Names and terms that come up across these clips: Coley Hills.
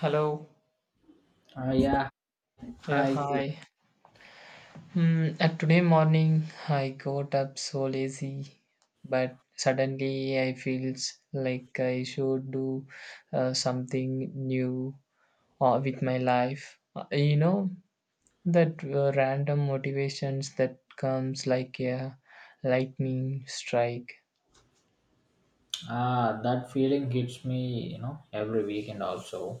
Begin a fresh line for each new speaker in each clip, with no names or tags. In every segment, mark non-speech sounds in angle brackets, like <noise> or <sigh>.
Hello.
Uh, yeah,
Yeah,
hi.
hi. Hmm. Today morning I got up so lazy, but suddenly I feels like I should do something new with my life. You know that random motivations that comes like a lightning strike.
Ah, that feeling hits me, you know, every weekend also.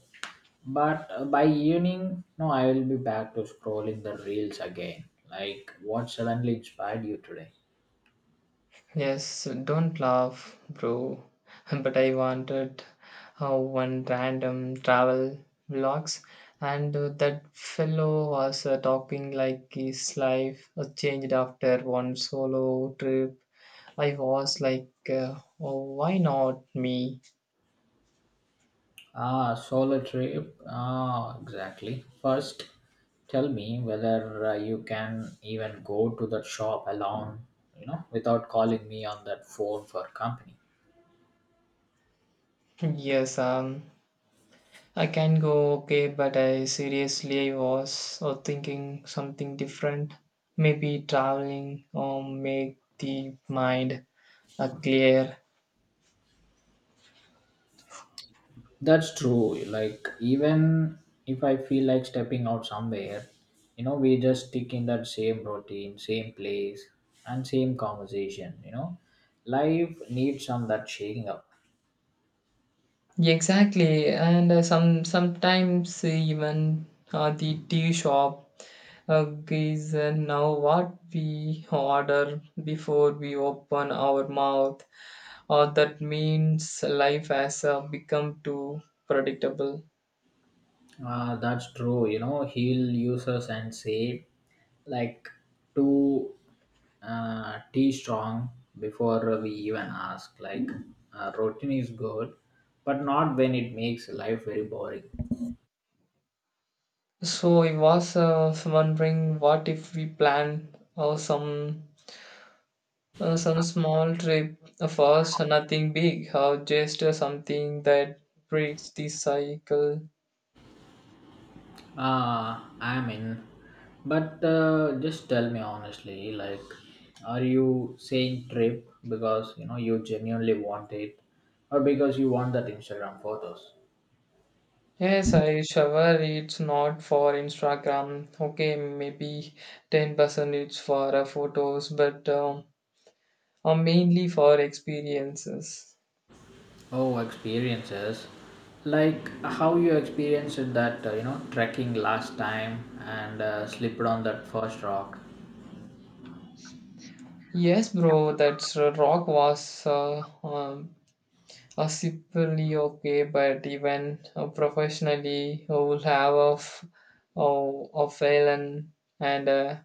But by evening, no, I will be back to scrolling the reels again. Like, what suddenly inspired you today?
Yes, don't laugh, bro. <laughs> But I wanted one random travel vlogs, and that fellow was talking like his life changed after one solo trip. I was like, oh, why not me?
Ah, solo trip. Ah, exactly. First, tell me whether you can even go to that shop alone, you know, without calling me on that phone for company.
<laughs> Yes, I can go, okay, but I seriously I was thinking something different. Maybe traveling or make the mind clear.
That's true. Like even if I feel like stepping out somewhere, you know, we just stick in that same routine, same place, and same conversation. You know, life needs some that shaking up.
Exactly, and sometimes even the tea shop is now what we order before we open our mouth, or that means life has become too predictable.
That's true. You know, he'll use us and say, like, to T strong before we even ask. Like, routine is good, but not when it makes life very boring.
So I was wondering what if we plan some small trip first, nothing big, or just something that breaks the cycle.
I'm in. But just tell me honestly, like, are you saying trip because you know you genuinely want it, or because you want that Instagram photos?
Yes, I shower. It's not for Instagram. Okay, maybe 10% it's for photos, but mainly for experiences.
Oh, experiences. Like how you experienced that you know trekking last time and slipped on that first rock.
Yes, bro, that's rock was simply okay, but even professionally, I will have a fail, and, and uh,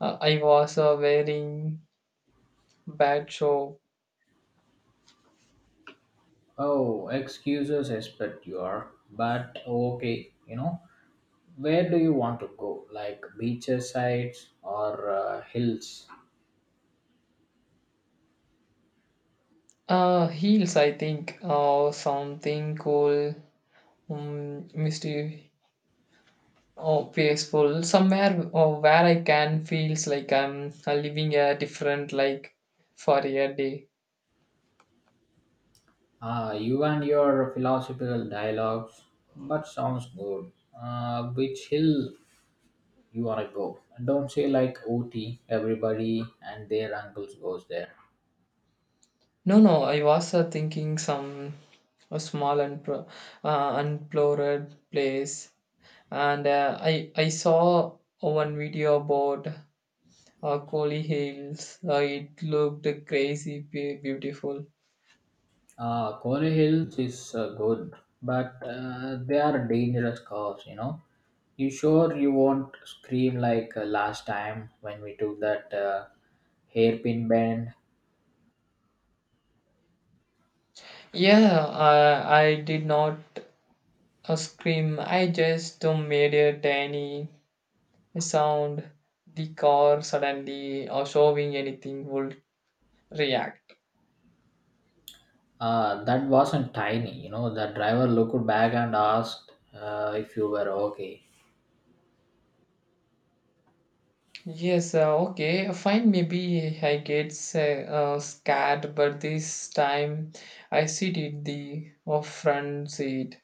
uh, I was wearing bad show.
Oh, excuses expect you are, but okay, you know, where do you want to go? Like beaches sides or hills?
Heels, I think, or something cool misty or peaceful somewhere or where I can feels like I'm living a different like for a day.
You and your philosophical dialogues, but sounds good. Which hill you wanna go? Don't say like OT. Everybody and their uncles goes there.
No, no. I was thinking some a small and unplored place and I saw one video about Coley Hills. It looked crazy beautiful.
Kone Hills is good, but they are dangerous curves. You know. You sure you won't scream like last time when we took that hairpin bend?
Yeah, I did not scream. I just made a tiny a sound, the car suddenly or showing anything would react.
That wasn't tiny. You know. The driver looked back and asked if you were okay.
Yes, okay, fine. Maybe I get scared, but this time I sit in the front seat.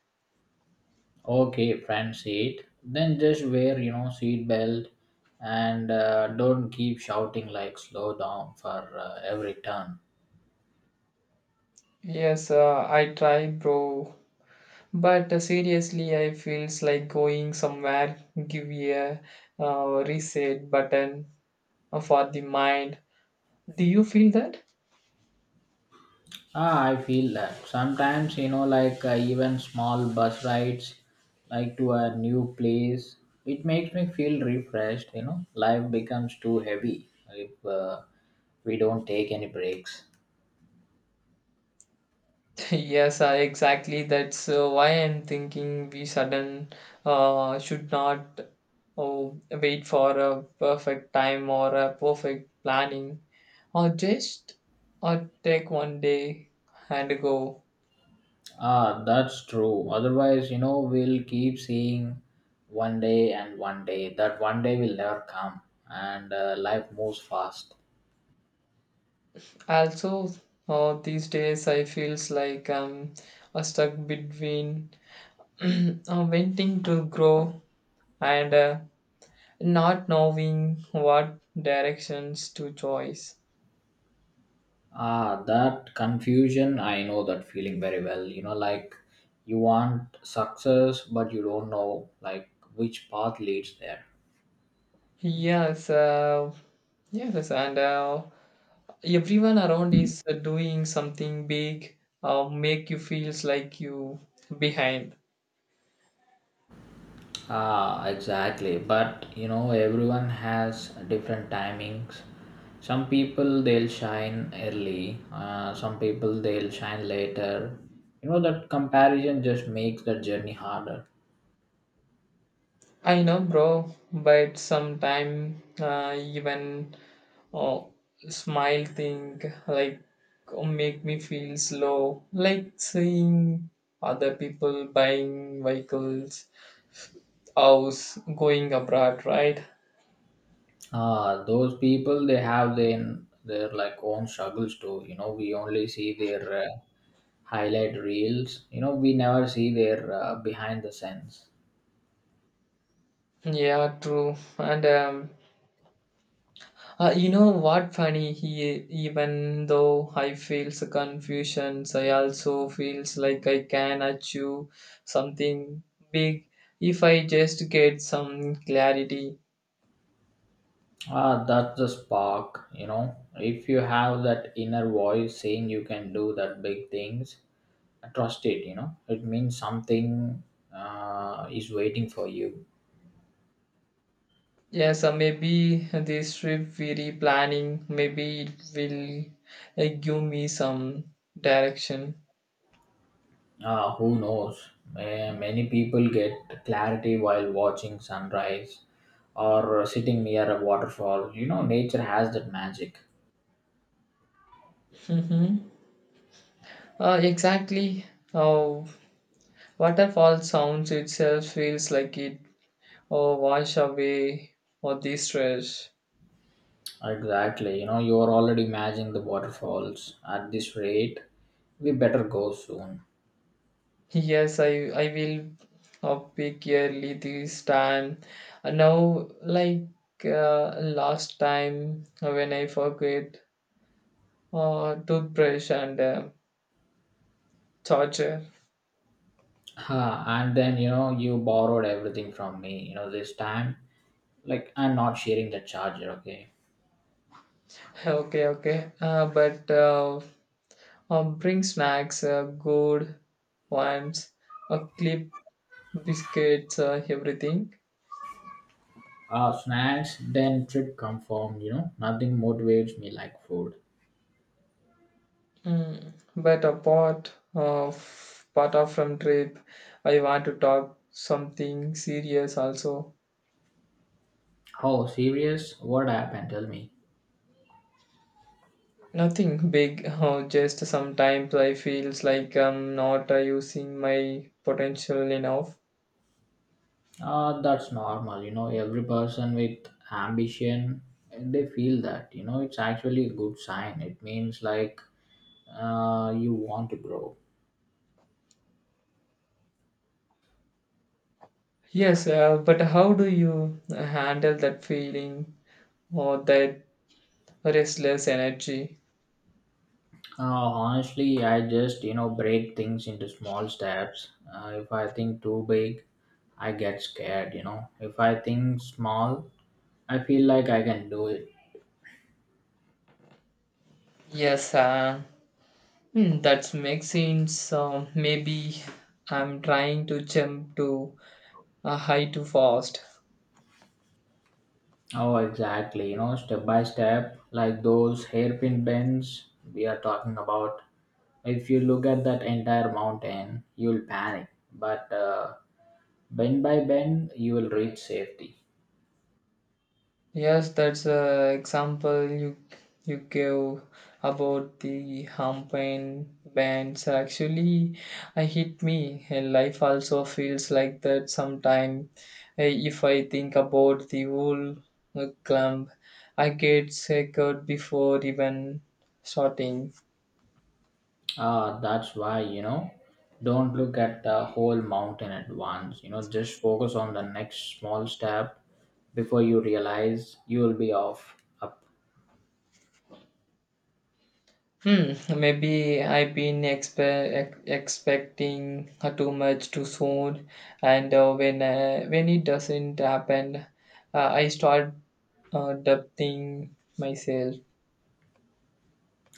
Okay, front seat. Then just wear, you know, seat belt and don't keep shouting like slow down for every turn.
Yes, I try, bro. But seriously, I feels like going somewhere. Give me a reset button for the mind. Do you feel that?
Ah, I feel that. Sometimes, you know, like even small bus rides like to a new place, it makes me feel refreshed, you know. Life becomes too heavy if we don't take any breaks.
<laughs> Yes, exactly. That's why I'm thinking we sudden should not oh, wait for a perfect time or a perfect planning, or just or take one day and go.
Ah, that's true. Otherwise, you know, we'll keep seeing one day and one day. That one day will never come, and life moves fast.
Also, these days I feels like I'm stuck between <clears throat> wanting to grow and not knowing what directions to choose.
Ah, that confusion, I know that feeling very well. You know, like you want success, but you don't know like which path leads there.
Yes, yes, yes, and everyone around is doing something big, make you feels like you behind.
Ah, exactly. But you know, everyone has different timings. Some people they'll shine early, some people they'll shine later. You know, that comparison just makes the journey harder.
I know, bro, but sometime even uh, smile thing like make me feel slow, like seeing other people buying vehicles, house, going abroad, right?
Those people they have their like own struggles too. You know, we only see their highlight reels, you know, we never see their behind the scenes.
Yeah, true. And um, Uh, you know what funny he even though I feels a confusion, so I also feels like I can achieve something big if I just get some clarity.
Ah, that's the spark, you know. If you have that inner voice saying you can do that big things, trust it, you know. It means something is waiting for you.
Yes, maybe this trip we replanning, maybe it will give me some direction.
Who knows? Many people get clarity while watching sunrise or sitting near a waterfall. You know, nature has that magic.
Mm-hmm. Exactly. Oh, waterfall sounds itself feels like it oh, wash away all the stress.
Exactly, you know, you are already imagining the waterfalls. At this rate, we better go soon.
Yes, I will pick yearly this time. Now like last time when I forget toothbrush and charger.
Huh, and then you know you borrowed everything from me, you know, this time, like, I'm not sharing the charger, okay.
<laughs> Okay, okay. But bring snacks, good ones, a clip, biscuits, everything.
Snacks then trip confirmed, you know, nothing motivates me like food.
Mm. But apart of part of from trip, I want to talk something serious also.
Oh, serious, what happened, tell me.
Nothing big, <laughs> just sometimes I feels like I'm not using my potential enough.
That's normal, you know, every person with ambition they feel that, you know, it's actually a good sign. It means like you want to grow.
Yes, but how do you handle that feeling or that restless energy?
Honestly, I just you know break things into small steps. If I think too big, I get scared. You know, if I think small, I feel like I can do it.
Yes, that makes sense. Maybe I'm trying to jump to a high too fast.
Oh, exactly. You know, step by step, like those hairpin bends we are talking about. If you look at that entire mountain, you'll panic. But bend by bend, you will reach safety.
Yes, that's a example you gave about the campaign bands. Actually, I hit me. Life also feels like that sometime. Uh, If I think about the whole clump, I get scared before even starting.
Ah, that's why, you know, don't look at the whole mountain at once. You know, just focus on the next small step before you realize you will be off up.
Hmm, maybe I've been expecting too much too soon, and when it doesn't happen, I start doubting myself.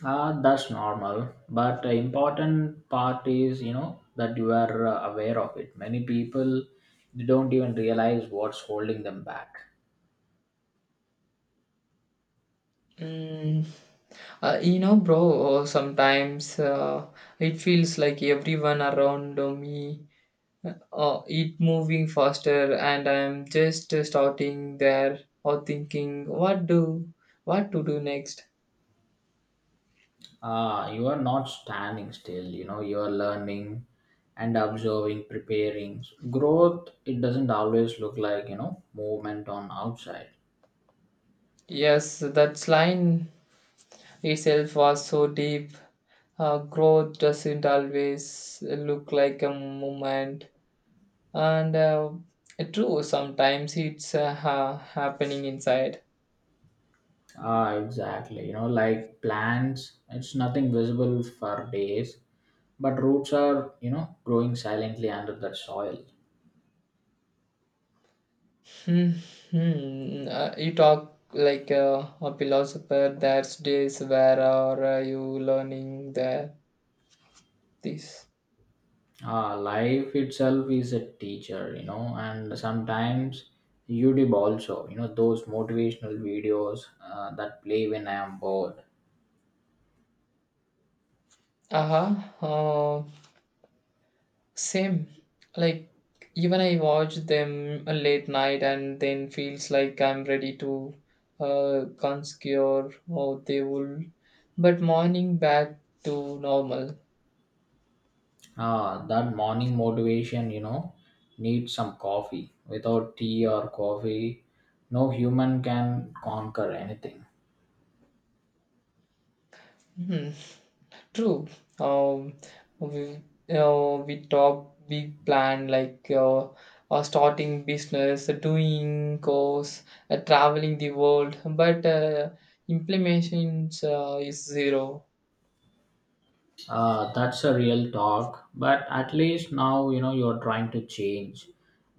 Ah, that's normal. But the important part is, you know, that you are aware of it. Many people they don't even realize what's holding them back.
Mm, you know, bro, sometimes it feels like everyone around me it moving faster, and I'm just starting there or thinking, what to do next?
You are not standing still, you know, you are learning and observing preparing growth. It doesn't always look like, you know, movement on outside.
Yes, that's line itself was so deep. Growth doesn't always look like a movement, and true, sometimes it's happening inside.
Ah, exactly, you know, like plants, it's nothing visible for days, but roots are, you know, growing silently under that soil.
Hmm. You talk like a philosopher. There's days where are you learning that this?
Ah, life itself is a teacher, you know, and sometimes youtube also, you know, those motivational videos that play when I am bored.
Uh-huh. Same Like even I watch them a late night and then feels like I'm ready to conscure or they will but morning back to normal.
Ah, that morning motivation, you know, needs some coffee. Without tea or coffee, no human can conquer anything.
Hmm. True. Um we we talk big plan like starting business, doing course, traveling the world, but implementations is zero.
Ah, that's a real talk. But at least now, you know, you're trying to change.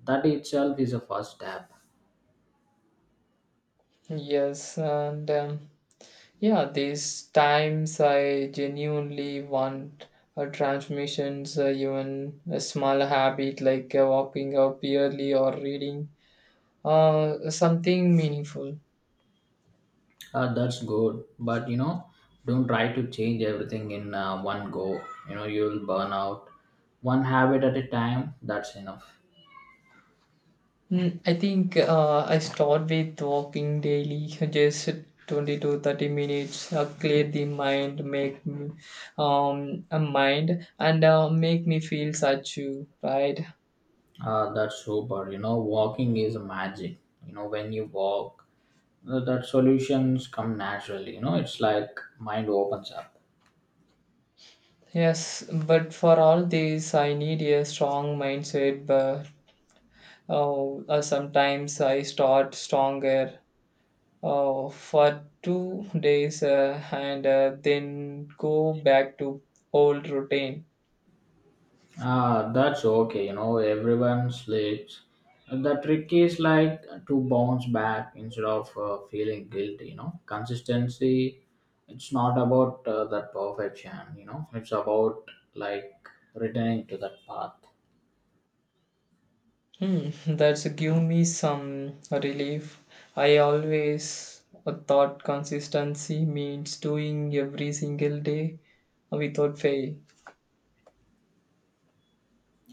That itself is a first step.
Yes, and yeah, these times I genuinely want transformations, even a small habit like walking up early or reading something meaningful.
Ah, that's good. But, you know, don't try to change everything in one go. You know, you'll burn out. One habit at a time, that's enough.
Mm, I think I start with walking daily, just 20 to 30 minutes, clear the mind, make me, a mind, and make me feel such you, right?
Ah, that's super. You know, walking is magic. You know, when you walk, that solutions come naturally, you know, it's like mind opens up.
Yes, but for all this, I need a strong mindset, Oh, sometimes I start stronger for 2 days and then go back to old routine.
Ah, that's okay, you know, everyone sleeps. The trick is like to bounce back instead of feeling guilty. You know, consistency, it's not about that perfection, you know, it's about like returning to that path.
Hmm, <laughs> that's give me some relief. I always thought consistency means doing every single day without fail.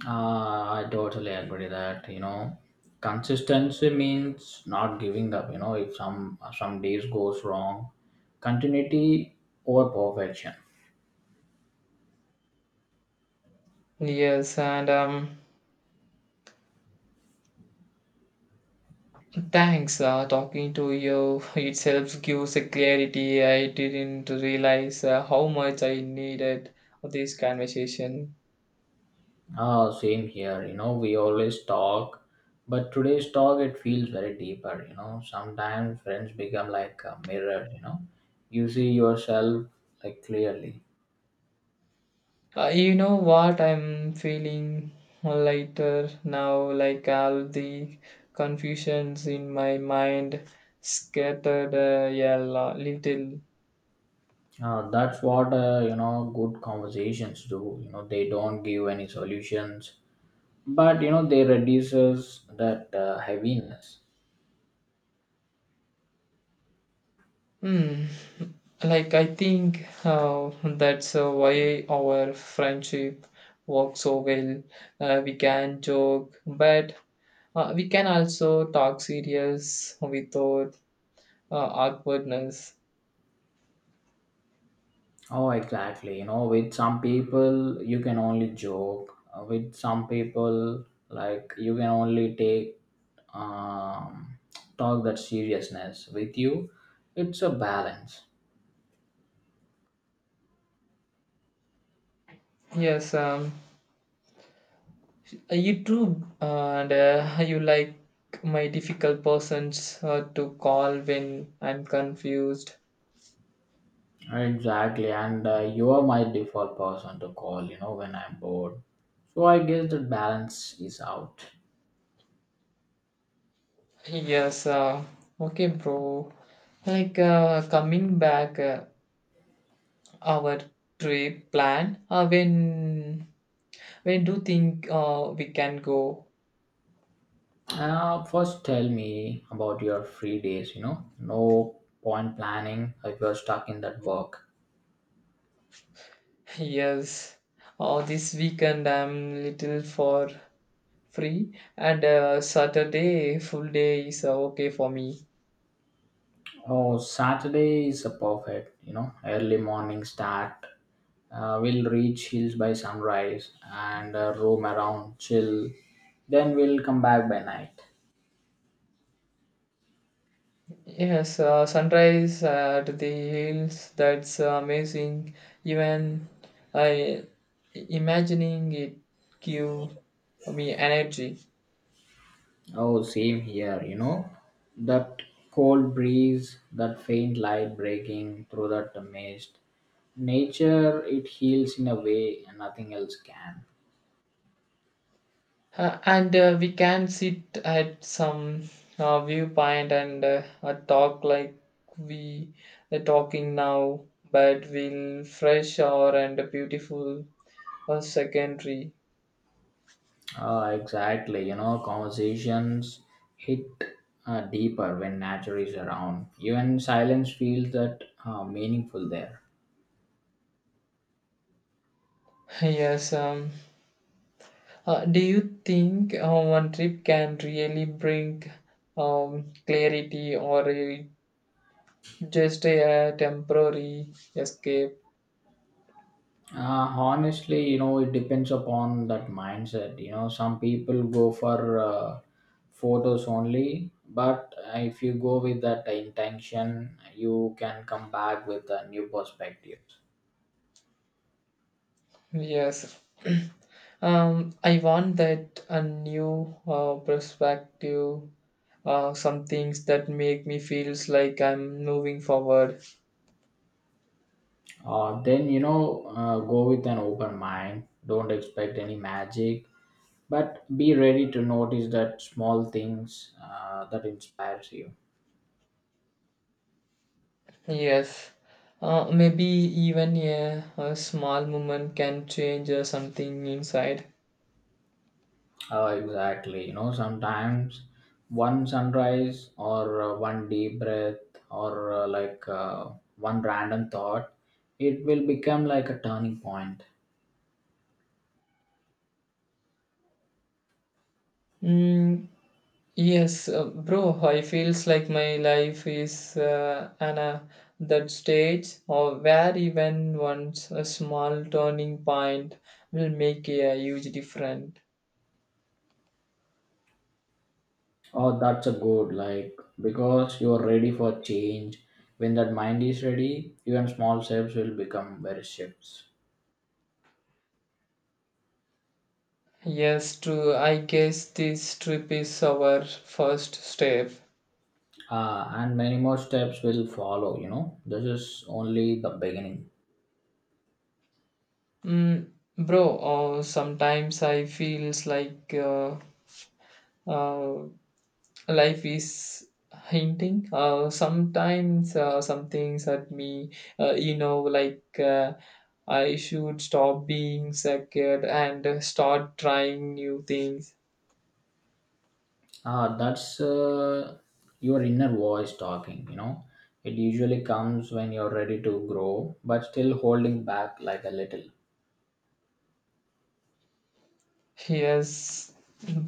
I totally agree that you know consistency means not giving up. You know, if some days goes wrong, continuity over perfection.
Yes, and thanks, talking to you <laughs> itself gives a clarity. I didn't realize how much I needed this conversation.
Same here. You know, we always talk, but today's talk it feels very deeper. You know, sometimes friends become like a mirror. You know, you see yourself like clearly.
You know what? I'm feeling lighter now, like all the confusions in my mind scattered little.
That's what you know good conversations do. You know, they don't give any solutions, but you know they reduces that heaviness.
Hmm. Like, I think that's why our friendship works so well. We can joke, but we can also talk serious without awkwardness.
Oh, exactly, you know, with some people you can only joke. With some people like you can only take um, talk that seriousness with you. It's a balance.
Yes, you too, and you like my difficult persons to call when I'm confused.
Exactly, and you are my default person to call, you know, when I'm bored. So I guess that balance is out.
Yes, okay, bro. Like coming back, our trip plan. When do you think we can go?
First, tell me about your free days. You know, no point planning if you're stuck in that work.
Yes, this weekend I'm little for. Free and Saturday full day is okay for me.
Oh, Saturday is a perfect. You know, early morning start. We'll reach hills by sunrise and roam around, chill. Then we'll come back by night.
Yes, sunrise at the hills, that's amazing. Even I imagining it give me energy.
Oh, same here. You know, that cold breeze, that faint light breaking through that mist. Nature, it heals in a way nothing else can.
And we can sit at some viewpoint and talk like we are talking now, but we'll fresh or and beautiful or secondary.
Exactly. You know, conversations hit deeper when nature is around. Even silence feels that meaningful there.
Yes, do you think one trip can really bring clarity or just a, temporary escape?
Uh, Honestly, you know, it depends upon that mindset. You know, some people go for photos only, but if you go with that intention, you can come back with a new perspective.
Yes. I want that a new perspective, some things that make me feels like I'm moving forward.
Then, you know, go with an open mind. Don't expect any magic, but be ready to notice that small things that inspires you.
Yes. Maybe even a small moment can change something inside.
Exactly, you know, sometimes one sunrise or one deep breath or like one random thought, it will become like a turning point.
Mm, yes, bro, I feels like my life is an that stage or where even once a small turning point will make a huge difference.
Oh, that's a good, like, because you are ready for change. When that mind is ready, even small steps will become very shifts.
Yes, true. I guess this trip is our first step.
And many more steps will follow, you know, this is only the beginning.
Mm, bro, sometimes I feels like uh, life is hinting sometimes some things at me you know like I should stop being scared and start trying new things.
Ah, that's your inner voice talking, you know. It usually comes when you're ready to grow, but still holding back like a little.
Yes,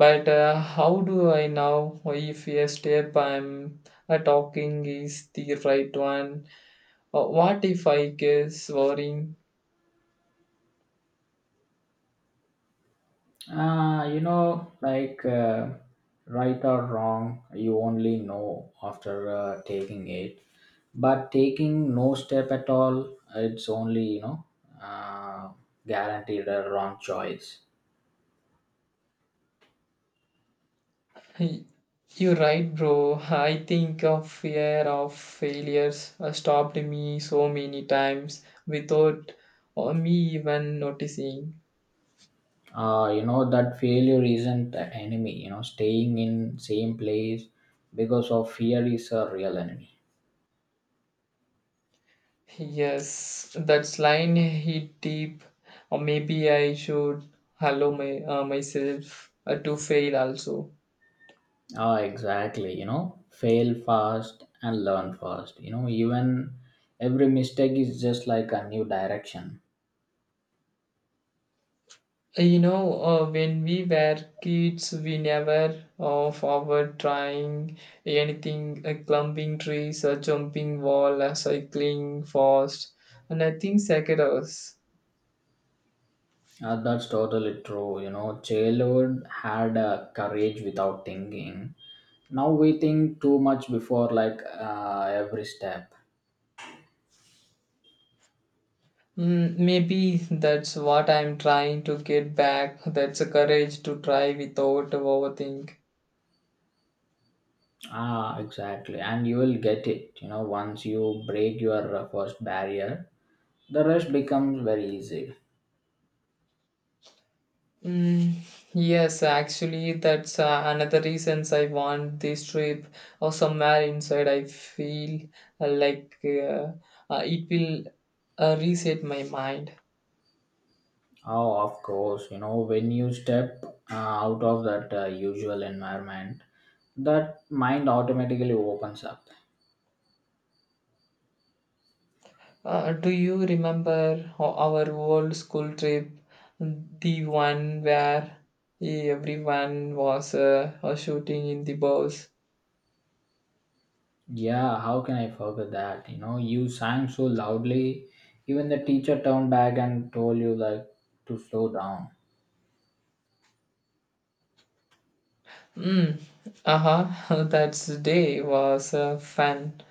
but how do I know if a step I'm talking is the right one what if I guess worrying?
Ah, you know, like right or wrong, you only know after taking it. But taking no step at all, it's only, you know, uh, guaranteed a wrong choice.
Y- You're right, bro. I think of fear of failures stopped me so many times without me even noticing.
You know that failure isn't the enemy, you know, staying in same place because of fear is a real enemy.
Yes, that line hit deep. Or maybe I should allow myself to fail also.
Ah, exactly, you know, fail fast and learn fast, you know, even every mistake is just like a new direction.
You know, when we were kids, we never forward trying anything, climbing trees, or jumping wall, or cycling fast, and nothing scared us.
Ah, that's totally true, you know, childhood had a courage without thinking. Now we think too much before like every step.
Mm, maybe that's what I'm trying to get back. That's a courage to try without overthink.
Ah, exactly. And you will get it. You know, once you break your first barrier, the rest becomes very easy.
Mm, yes, actually, that's another reasons I want this trip or somewhere inside. I feel like it will reset my mind.
Oh, of course. You know, when you step out of that usual environment, that mind automatically opens up.
Do you remember our old school trip, the one where everyone was shooting in the bows?
Yeah, how can I forget that? You know, you sang so loudly, even the teacher turned back and told you like to slow down.
Mm, uh-huh, <laughs> that day was fun.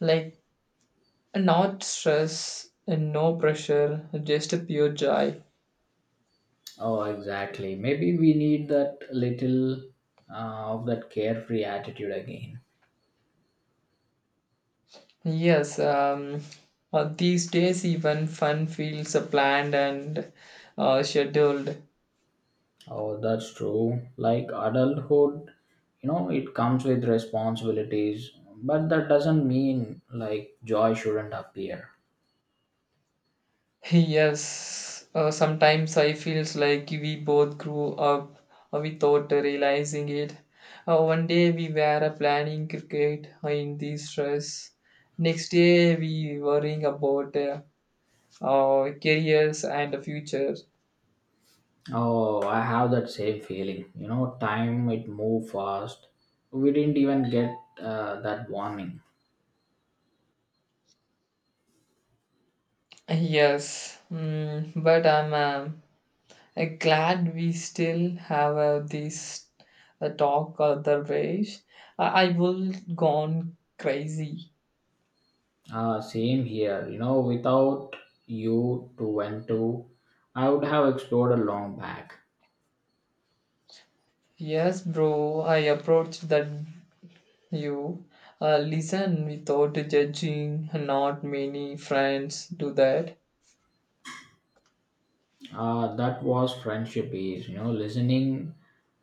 Like, not stress and no pressure, just a pure joy.
Oh, exactly. Maybe we need that little of that carefree attitude again.
Yes, these days even fun feels planned and scheduled.
Oh, that's true. Like adulthood, you know, it comes with responsibilities, but that doesn't mean like joy shouldn't appear.
Yes, sometimes I feels like we both grew up without realizing it. One day we were planning cricket in this stress. Next day we worrying about our careers and the future.
Oh, I have that same feeling. You know, time it moved fast. We didn't even get that warning.
Yes, mm, but I'm glad we still have this talk otherwise. I will gone crazy.
Same here. You know, without you to went to, I would have explored a long back.
Yes, bro, I approached that you listen without judging. Not many friends do that.
That was friendship is. You know, listening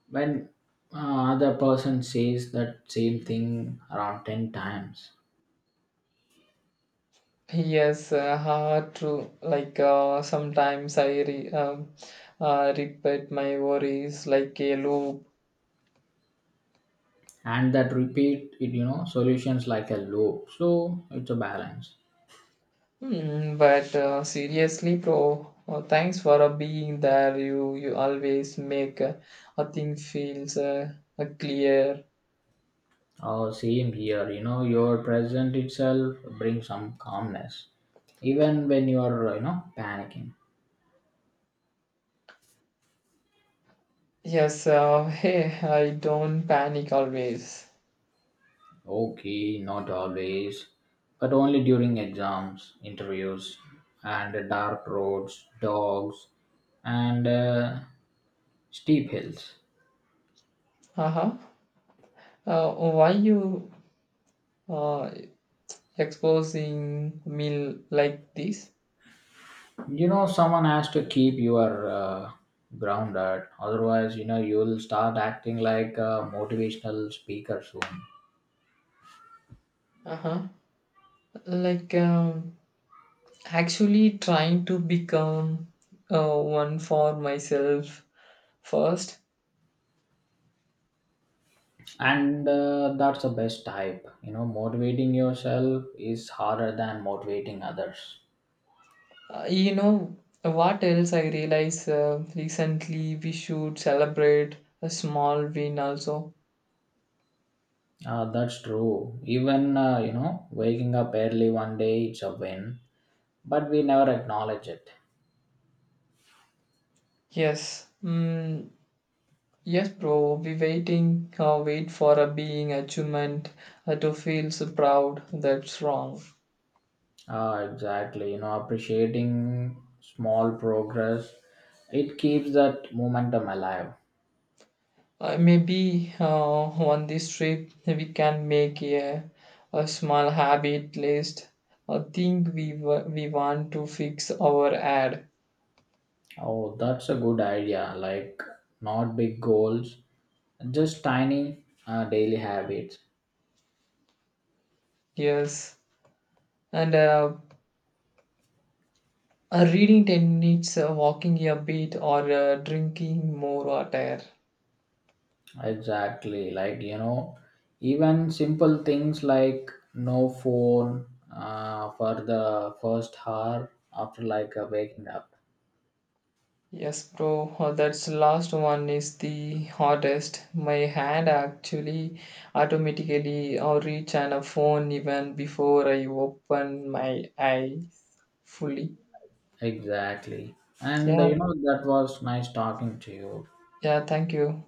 when other person says that same thing around 10 times.
Yes, hard to like sometimes I repeat my worries like a loop.
And that repeat it, you know, solutions like a loop, so it's a balance.
Hmm, but seriously, bro, thanks for being there. You always make a thing feels clear.
Oh, same here, you know, your present itself brings some calmness even when you are, you know, panicking.
Yes. Hey, I don't panic always.
Okay, not always, but only during exams, interviews, and dark roads, dogs, and steep hills.
Uh-huh. Why you uh exposing me like this?
You know, someone has to keep your grounded, otherwise, you know, you'll start acting like a motivational speaker soon.
Uh-huh. Like actually trying to become one for myself first.
And that's the best type, you know, motivating yourself is harder than motivating others.
You know what else I realized recently? We should celebrate a small win also.
That's true, even you know waking up early one day it's a win, but we never acknowledge it.
Yes, mm, yes, bro. We wait for a being achievement to feel so proud. That's wrong.
Exactly, you know, appreciating small progress, it keeps that momentum alive.
Maybe on this trip we can make a small habit list. I think we want to fix our ad.
Oh, that's a good idea. Like, not big goals, just tiny daily habits.
Yes, and reading 10 minutes, walking a bit, or drinking more water.
Exactly. Like, you know, even simple things like no phone for the first hour after like waking up.
Yes, bro, that's last one is the hardest. My hand actually automatically reach on a phone even before I open my eyes fully.
Exactly. And, you
Yeah,
know, that was nice talking to you.
yeah, thank you.